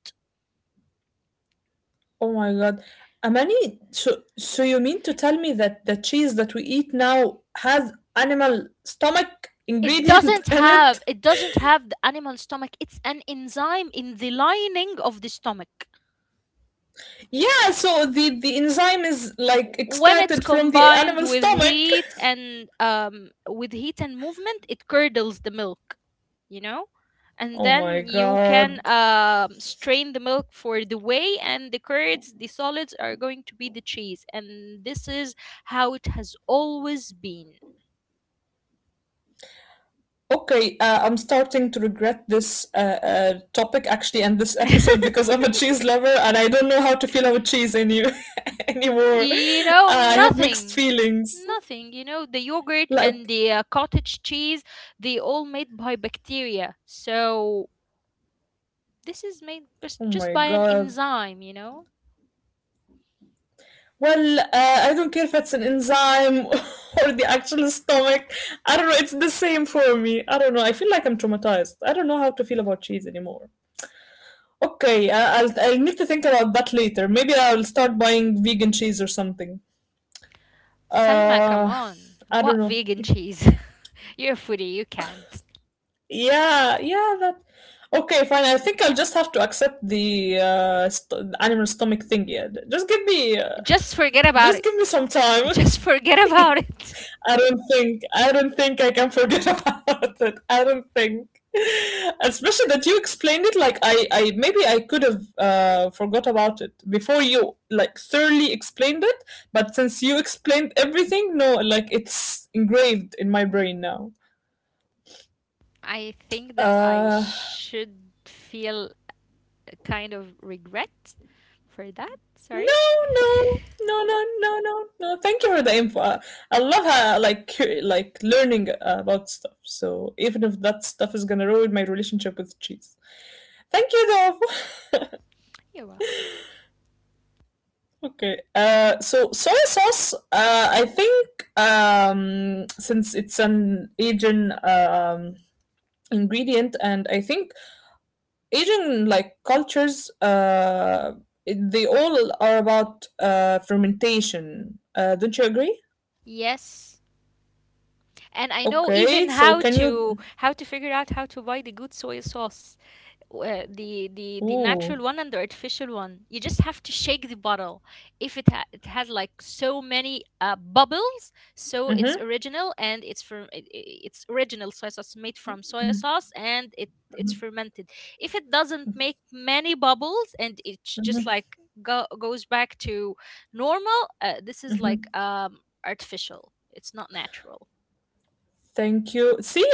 Oh my god. Amani, so you mean to tell me that the cheese that we eat now has animal stomach
It
ingredient
doesn't
in it?
have, it doesn't have the animal stomach, it's an enzyme in the lining of the stomach.
Yeah, so the enzyme is like
When it's
extracted from the
combined
animal
with
stomach.
heat and, movement, it curdles the milk, you know. And
Oh
then
my
you can,
god.
strain the milk for the whey and the curds, the solids are going to be the cheese, and this is how it has always been.
Okay, I'm starting to regret this topic actually and this episode because I'm a cheese lover and I don't know how to feel about cheese any anymore.
You know,
I have mixed
nothing,
feelings.
nothing, you know, the yogurt and
Like,
the, cottage cheese, they all made by bacteria, so this is made just,
oh
just
my
by an
god.
enzyme, you know.
Well, I don't care if it's an enzyme or the actual stomach. I don't know. It's the same for me. I don't know. I feel like I'm traumatized. I don't know how to feel about cheese anymore. Okay, I'll need to think about that later. Maybe I'll start buying vegan cheese or something.
Salma, come
Uh,
on.
I don't
What
know.
vegan cheese? You're a foodie, you can't
Yeah, yeah. That. Okay, fine. I think I'll just have to accept the animal stomach thing. Yeah,
just forget about
just give me
it.
some time.
Just forget about it.
I don't think I can forget about it. I don't think, especially that you explained it like I, maybe I could have forgot about it before you like thoroughly explained it. But since you explained everything, no, like it's engraved in my brain now.
I think that I
Uh,
should feel a kind of regret for that,
No,
sorry.
no, no, no, no, no, no. Thank you for the info. I love how I like like learning about stuff. So even if that stuff is gonna ruin my relationship with cheese, thank you though.
You're welcome.
Okay. So soy sauce. I think since it's an Asian ingredient, and I think Asian like cultures they all are about fermentation. Don't you agree?
Yes, and I know
Okay,
even
so
how
can you?
to figure out how to buy the good soy sauce, the
Ooh.
natural one and the artificial one. You just have to shake the bottle. If it has like so many, bubbles, so it's
Mm-hmm,
original, and it's from it's original soy sauce made from soy sauce, and it's fermented. If it doesn't make many bubbles and it's just
mm-hmm,
like goes back to normal, this is like,
mm-hmm.
um, artificial. It's not natural.
Thank you. See,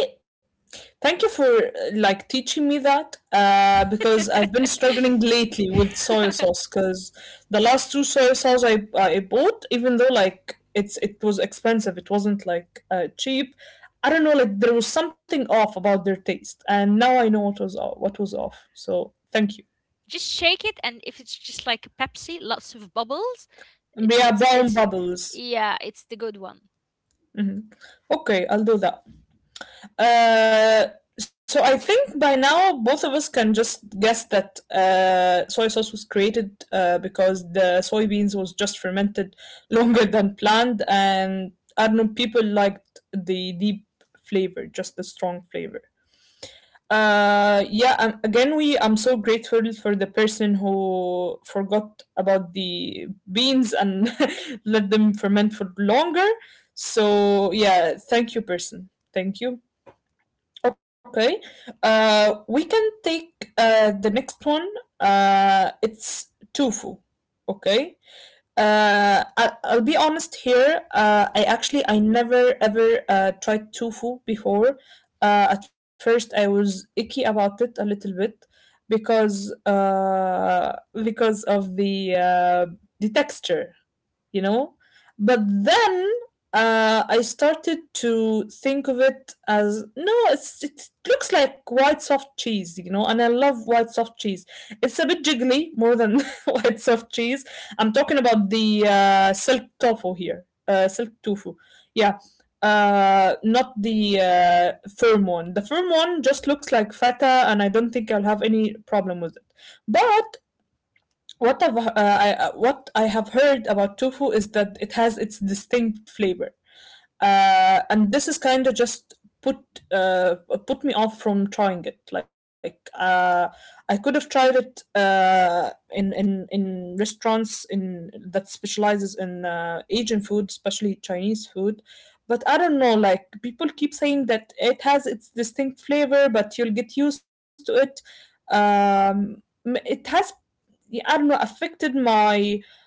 thank you for like teaching me that because I've been struggling lately with soy sauce because the last two soy sauce I bought, even though like it was expensive, it wasn't like cheap. I don't know, like there was something off about their taste, and now I know what was off, what was off. So thank you.
Just shake it, and if it's just like a Pepsi, lots of bubbles,
Yeah, brown
it's,
bubbles.
yeah, it's the good one.
Hmm. Okay, I'll do that. Uh, so I think by now both of us can just guess that soy sauce was created because the soybeans was just fermented longer than planned, and I don't know people liked the deep flavor, just the strong flavor. Yeah, again, we I'm so grateful for the person who forgot about the beans and let them ferment for longer. So yeah, thank you, person. Thank you. Okay. We can take the next one. It's tofu. Okay. I'll be honest here. I never ever tried tofu before. At first, I was icky about it a little bit because uh, because of the texture, you know, but then I started to think of it as no, it looks like white soft cheese, you know, and I love white soft cheese. It's a bit jiggly more than white soft cheese. I'm talking about the silk tofu here, silk tofu, yeah, not the firm one. The firm one just looks like feta, and I don't think I'll have any problem with it. But what I have heard about tofu is that it has its distinct flavor, and this is kind of just put uh, put me off from trying it. Like I could have tried it in restaurants in that specializes in Asian food, especially Chinese food. But I don't know. Like people keep saying that it has its distinct flavor, but you'll get used to it. It has, yeah, I don't know, affected my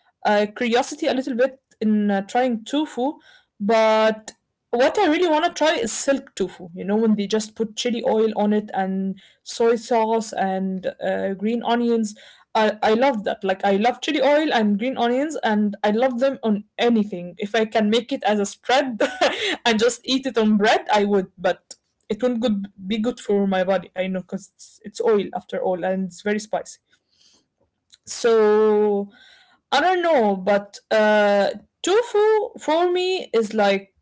curiosity a little bit in trying tofu, but what I really want to try is silk tofu. You know, when they just put chili oil on it and soy sauce and green onions. I love that. Like, I love chili oil and green onions, and I love them on anything. If I can make it as a spread and just eat it on bread, I would, but it won't be good for my body. I know because it's oil after all, and it's very spicy. So I don't know, but tofu for me is like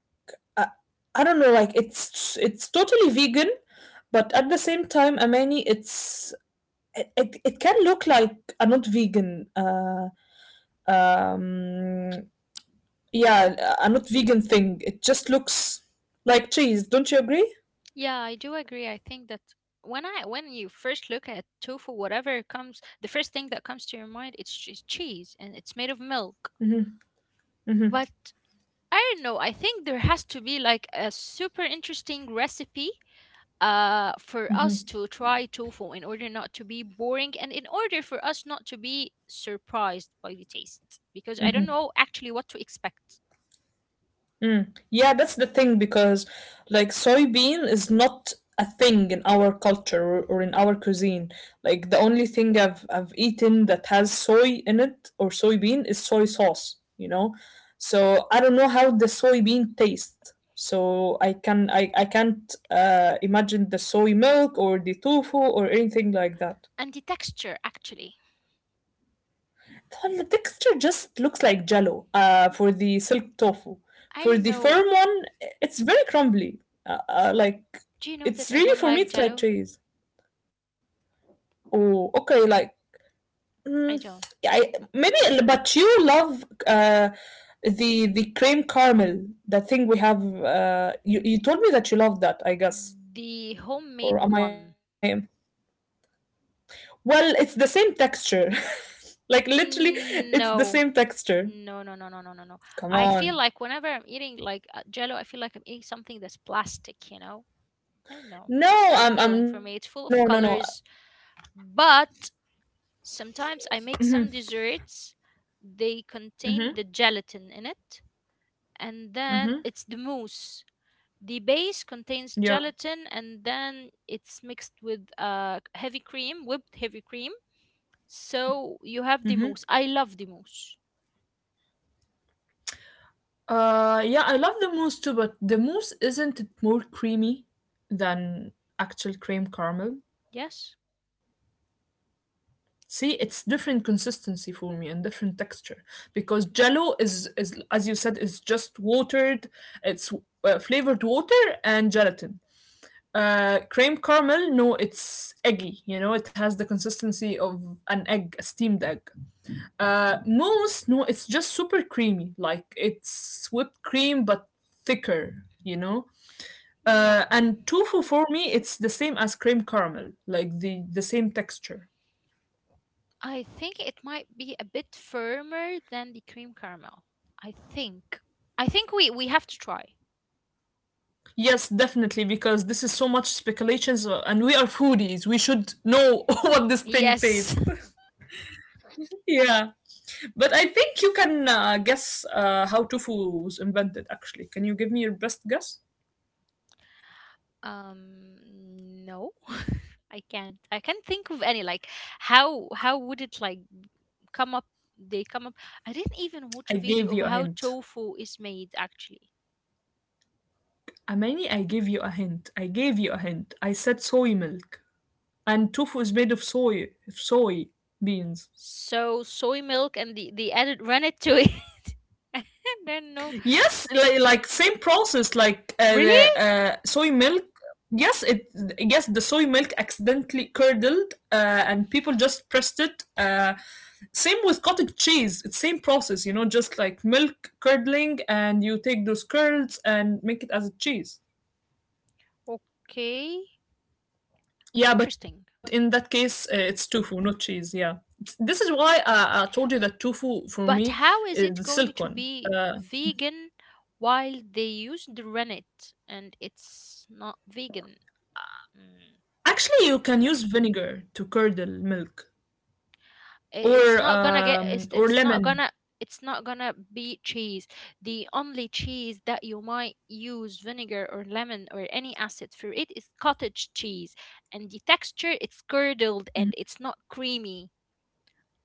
I, I don't know, like it's totally vegan, but at the same time, Amani, it can look like a not vegan um yeah a not vegan thing. It just looks like cheese. Don't you agree?
Yeah, I do agree. I think that when you first look at tofu, whatever comes, the first thing that comes to your mind, it's just cheese and it's made of milk.
Hmm.
But I don't know. I think there has to be like a super interesting recipe, for us to try tofu in order not to be boring and in order for us not to be surprised by the taste, because I don't know actually what to expect.
Mm. Yeah, that's the thing because like soybean is not a thing in our culture or in our cuisine. Like the only thing I've eaten that has soy in it or soybean is soy sauce, you know? So I don't know how the soybean tastes. So I can't imagine the soy milk or the tofu or anything like that.
And the texture actually.
Well, the texture just looks like jello for the silk tofu.
I
For
don't
the
know.
firm one, it's very crumbly. Like,
Do you know
it's
that I
really
don't
for me,
like
it's like
jello?
cheese. Oh, okay, like,
I
mm,
don't.
yeah, I maybe, but you love the cream caramel, that thing we have. You told me that you love that, I guess,
The
or
homemade
am I?
one.
Well, it's the same texture. Like literally, it's the
Mm,
same
no,
texture.
no, no, no, no, no, no, no.
Come
I
on.
feel like whenever I'm eating like Jello, I feel like I'm eating something that's plastic. I don't know.
No,
It's not
I'm I'm
appealing
no,
for
no,
me. It's
no.
full of colors, but sometimes I make some desserts. They
Mm-hmm.
contain the gelatin in it, and then
Mm-hmm.
it's the mousse. The base contains
Yeah.
gelatin, and then it's mixed with heavy cream, whipped heavy cream. So you
Mm-hmm.
have the mousse. I love the mousse.
Yeah, I love the mousse too, but the mousse, isn't it more creamy than actual cream caramel?
Yes.
See, it's different consistency for me and different texture because Jello is as you said is just watered. It's flavored water and gelatin. Cream caramel, no, it's eggy. You know, it has the consistency of an egg, a steamed egg. Mousse, no, it's just super creamy. Like it's whipped cream but thicker, you know.
Yeah.
And tofu for me, it's the same as cream caramel, like the same texture.
I think it might be a bit firmer than the cream caramel. I think. I think we have to try.
Yes, definitely, because this is so much speculations, and we are foodies. We should know what this thing
Yes.
tastes. Yeah, but I think you can guess how tofu was invented. Actually, can you give me your best guess?
Um no. I can't. I can't think of any like how would it like come up, they come up, I didn't even watch
I
a
gave
video of
you a
how
hint.
tofu is made actually.
Amani, I gave you a hint. I gave you a hint. I said soy milk. And tofu is made of soy beans.
So soy milk and the they added ran it to it. and then no.
Yes, like same process, like the
Really?
uh, soy milk. Yes, it. Yes, the soy milk accidentally curdled, and people just pressed it. Same with cottage cheese. It's same process, just like milk curdling, and you take those curds and make it as a cheese.
Okay.
Yeah, but in
Interesting.
that case, it's tofu, not cheese. Yeah, this is why I told you that tofu for me
But
is
how
the
is it
silk
going
one.
to be
Uh,
vegan while they use the rennet and it's not vegan? Mm.
actually, you can use vinegar to curdle milk
It's not gonna get. It's
or
it's not
lemon.
gonna. It's not gonna be cheese. The only cheese that you might use vinegar or lemon or any acid for it is cottage cheese, and the texture it's curdled and it's not creamy.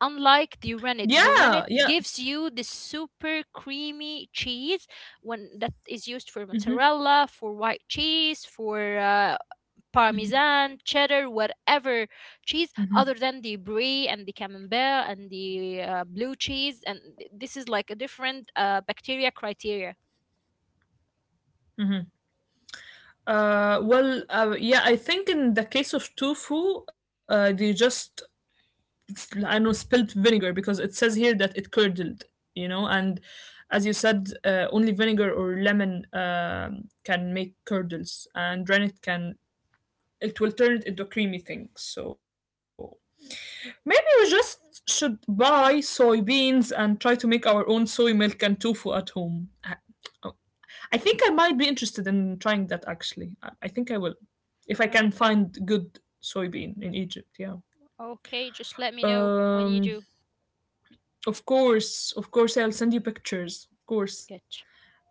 Unlike the rennet, the
Yeah,
rennet
yeah.
gives you this super creamy cheese when that is used for
hmm
mozzarella, for white cheese, for parmesan, cheddar, whatever cheese
hmm
other than the brie and the camembert and the blue cheese. And this is like a different bacteria criteria.
Yeah. I think in the case of tofu, they just I know spilled vinegar because it says here that it curdled, you know, and as you said, only vinegar or lemon can make curdles, and rennet can it will turn it into a creamy thing. So maybe we just should buy soybeans and try to make our own soy milk and tofu at home. I oh, I think I might be interested in trying that actually. I think I will if I can
Okay,
find good soybean in Egypt. Yeah.
okay, just let me know when you
Um,
do.
Of course, I'll send you pictures. Of course.
Good.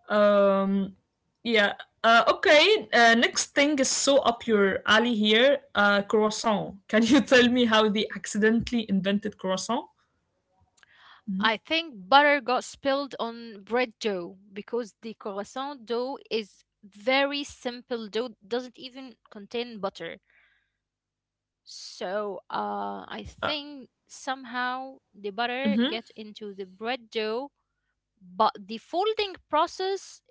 Um, yeah. Okay. Next thing is so up your alley here. Croissant. Can you tell me how they accidentally invented croissant?
I think butter got spilled on bread dough because the croissant dough is very simple dough, doesn't even contain butter. So I
Uh,
think somehow the butter
mm-hmm,
get into the bread dough, but the folding process,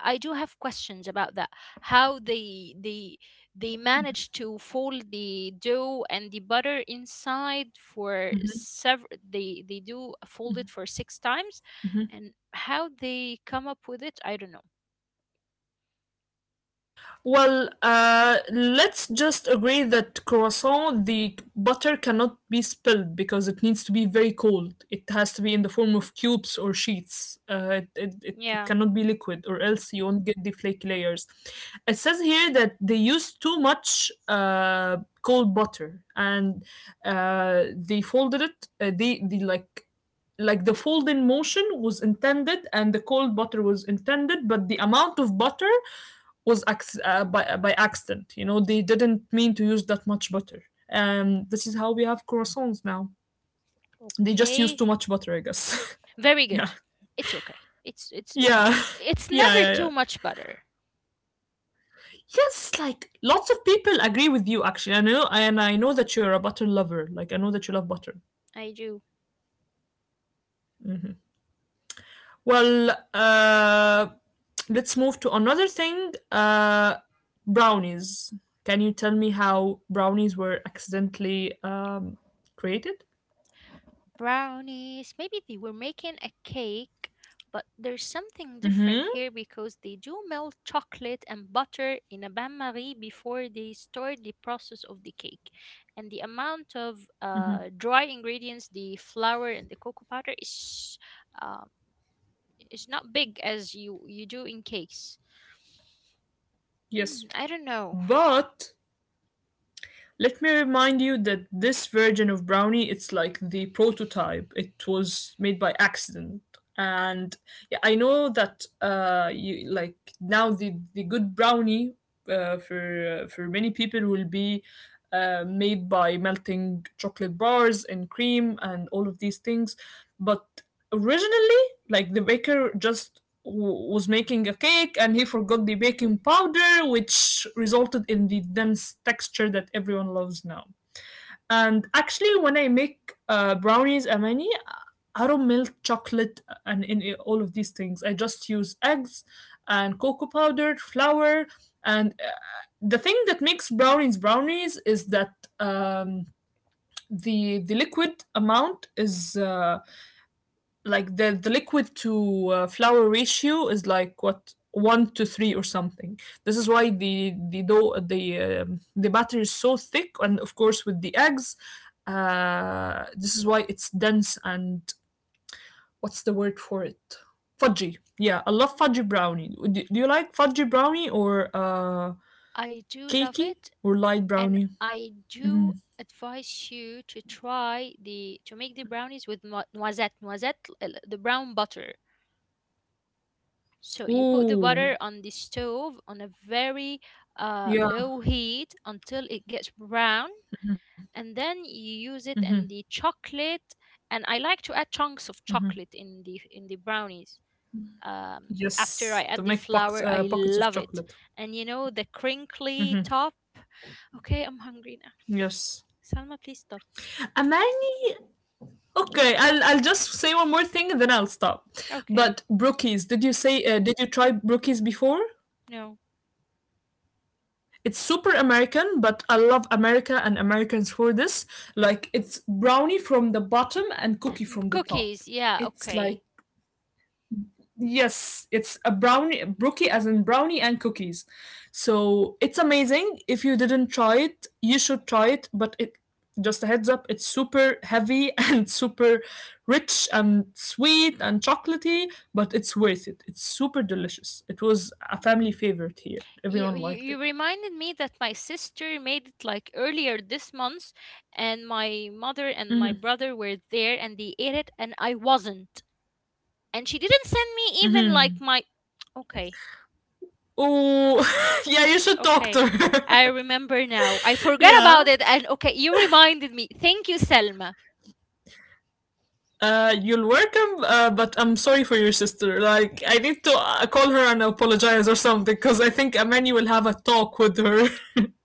I do have questions about that. How they manage to fold the dough and the butter inside
mm-hmm,
for several. They do fold it for six times,
mm-hmm.
and how they come up with it, I don't know.
Well, let's just agree that croissant, the butter cannot be spilled because it needs to be very cold. It has to be in the form of cubes or sheets. It
Yeah.
cannot be liquid, or else you won't get the flaky layers. It says here that they use too much cold butter and they folded it. They the fold in motion was intended and the cold butter was intended, but the amount of butter was by accident. You know, they didn't mean to use that much butter. And this is how we have croissants now. They just use
Okay.
too much butter, I guess.
Very
Yeah.
good. It's okay. It's it.
Yeah.
It's
Yeah,
never
yeah, yeah.
too much butter.
Yes, like lots of people agree with you actually. I know and I know that you're a butter lover. Like I know that you love butter.
I do.
Well, let's move to another thing. Brownies. Can you tell me how brownies were accidentally created?
Brownies. Maybe they were making a cake, but there's something different
Mhm.
here because they do melt chocolate and butter in a bain marie before they start the process of the cake. And the amount of dry ingredients, the flour and the cocoa powder, um, is not big as you do in cakes.
Yes.
Mm, I don't know.
But let me remind you that this version of brownie it's like the prototype. It was made by accident. And yeah, I know that you like now the good brownie for many people will be made by melting chocolate bars and cream and all of these things. But originally, like the baker just was making a cake and he forgot the baking powder, which resulted in the dense texture that everyone loves now. And actually, when I make brownies, Amani, I don't melt chocolate and in all of these things. I just use eggs and cocoa powder, flour, and the thing that makes brownies brownies is that um, the liquid amount is like the liquid to flour ratio is like what one to three or something. This is why the dough the batter is so thick, and of course with the eggs, this is why it's dense and what's the word for it? Fudgy. Yeah, I love fudgy brownie. Do you like fudgy brownie or
I do love
cakey
it,
or light
and
brownie?
I
Mm-hmm.
do advise you to try the to make the brownies with noisette, noisette, the brown butter. So you put the
Ooh,
butter on the stove on a very
yeah.
low heat until it gets brown, and then you use it
Mm-hmm.
in the chocolate. And I like to add chunks of chocolate in the brownies, um, after I
Yes, to
add the
make pockets
flour. I
pockets of
love it.
chocolate.
And you know the crinkly
Mm-hmm.
top. Okay, I'm hungry now.
Yes.
Salma, please stop.
Amani. Okay, I'll just say one more thing and then I'll stop.
Okay.
But brookies, did you say did you try brookies before?
No.
It's super American, but I love America and Americans for this. Like it's brownie from the bottom and cookie from the top.
Cookies, yeah,
It's like
okay.
yes, it's a brownie, brookie as in brownie and cookies. So it's amazing. If you didn't try it, you should try it. But it just a heads up, it's super heavy and super rich and sweet and chocolatey, but it's worth it. It's super delicious. It was a family favorite here.
You,
Everyone
you
liked
you
it.
reminded me that my sister made it like earlier this month, and my mother and my brother were there and they ate it, and I wasn't. And she didn't send me even like
Hmm.
my. Okay,
Oh, yeah, you should talk
okay.
to her.
I remember now. I forgot
Yeah.
about it, and okay, you reminded me. Thank you, Selma.
You're welcome, but I'm sorry for your sister. Like, I need to call her and apologize or something because I think Amani will have a talk with her.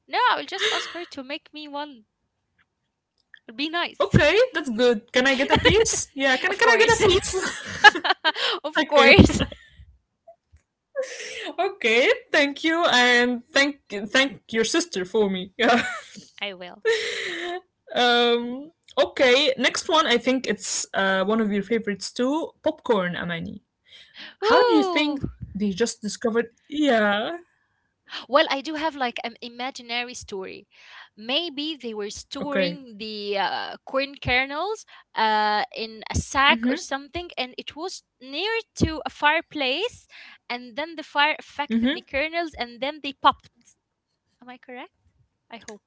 No, I will just ask her to make me one. It'll be nice.
Okay, that's good. Can I get a piece? Yeah,
Of
can I get a
course.
piece?
Of
Okay,
course.
okay, thank you, and thank your sister for me. Yeah.
I will.
um, okay, next one, I think it's one of your favorites too, popcorn, Amani. How do you
Ooh.
think they just discovered? Yeah,
Well, I do have like an imaginary story. Maybe they were
okay.
storing the corn kernels in a sack
Mm
or
hmm,
something, and it was near to a fireplace, and then the fire
mm
affected the
hmm.
kernels, and then they popped. Am I correct? I hope.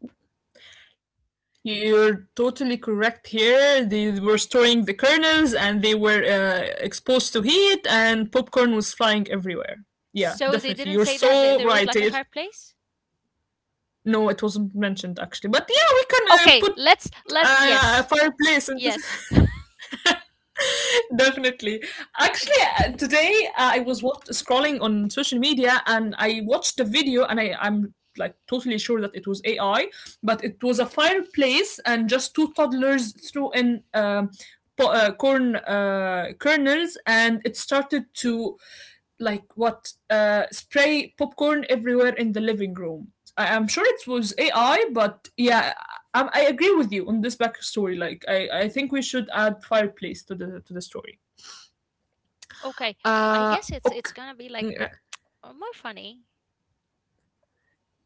You're totally correct here. They were storing the kernels and they were exposed to heat, and popcorn was flying everywhere. Yeah,
So they
definitely. You're
didn't say that
so
there
right
was like
here.
a fireplace.
No, it wasn't mentioned actually. But yeah, we can
Okay,
put
let's let,
a
yes,
fireplace. And
yes.
definitely. Actually, today I was scrolling on social media and I watched the video, and I'm like totally sure that it was AI, but it was a fireplace and just two toddlers threw in corn kernels, and it started to like what spray popcorn everywhere in the living room. I am sure it was AI, but yeah, I agree with you on this backstory. Like, I think we should add fireplace to the story.
Okay, I
Uh,
guess it's
okay.
gonna be like
Yeah,
more funny.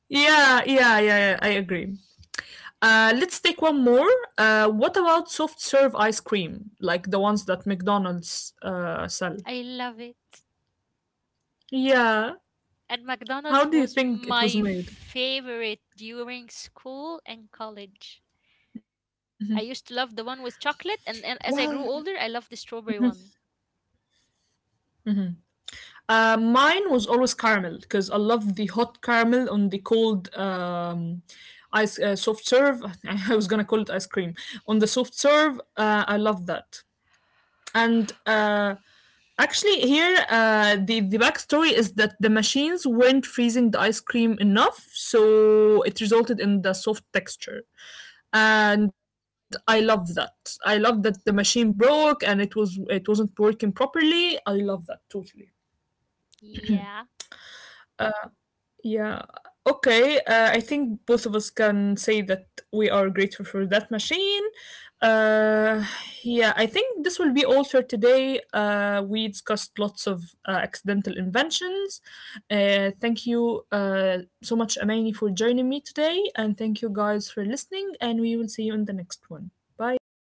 yeah, yeah, yeah. I agree. Let's take one more. What about soft serve ice cream, like the ones that McDonald's sell?
I love it.
Yeah.
And
How
McDonald's
do you
was
think it was
my
made?
favorite during school and college. I used to love the one with chocolate, and
Well,
as I grew older, I love the strawberry one.
Mine was always caramel because I love the hot caramel on the cold ice soft serve. I was gonna call it ice cream on the soft serve. I love that. And actually, here the backstory is that the machines weren't freezing the ice cream enough, so it resulted in the soft texture. And I love that. I love that the machine broke and it was it wasn't working properly. I love that totally.
Yeah.
Yeah. Okay. I think both of us can say that we are grateful for that machine. Uh, yeah. I think this will be all for today. We discussed lots of accidental inventions. Thank you so much, Amani, for joining me today. And thank you guys for listening. And we will see you in the next one. Bye.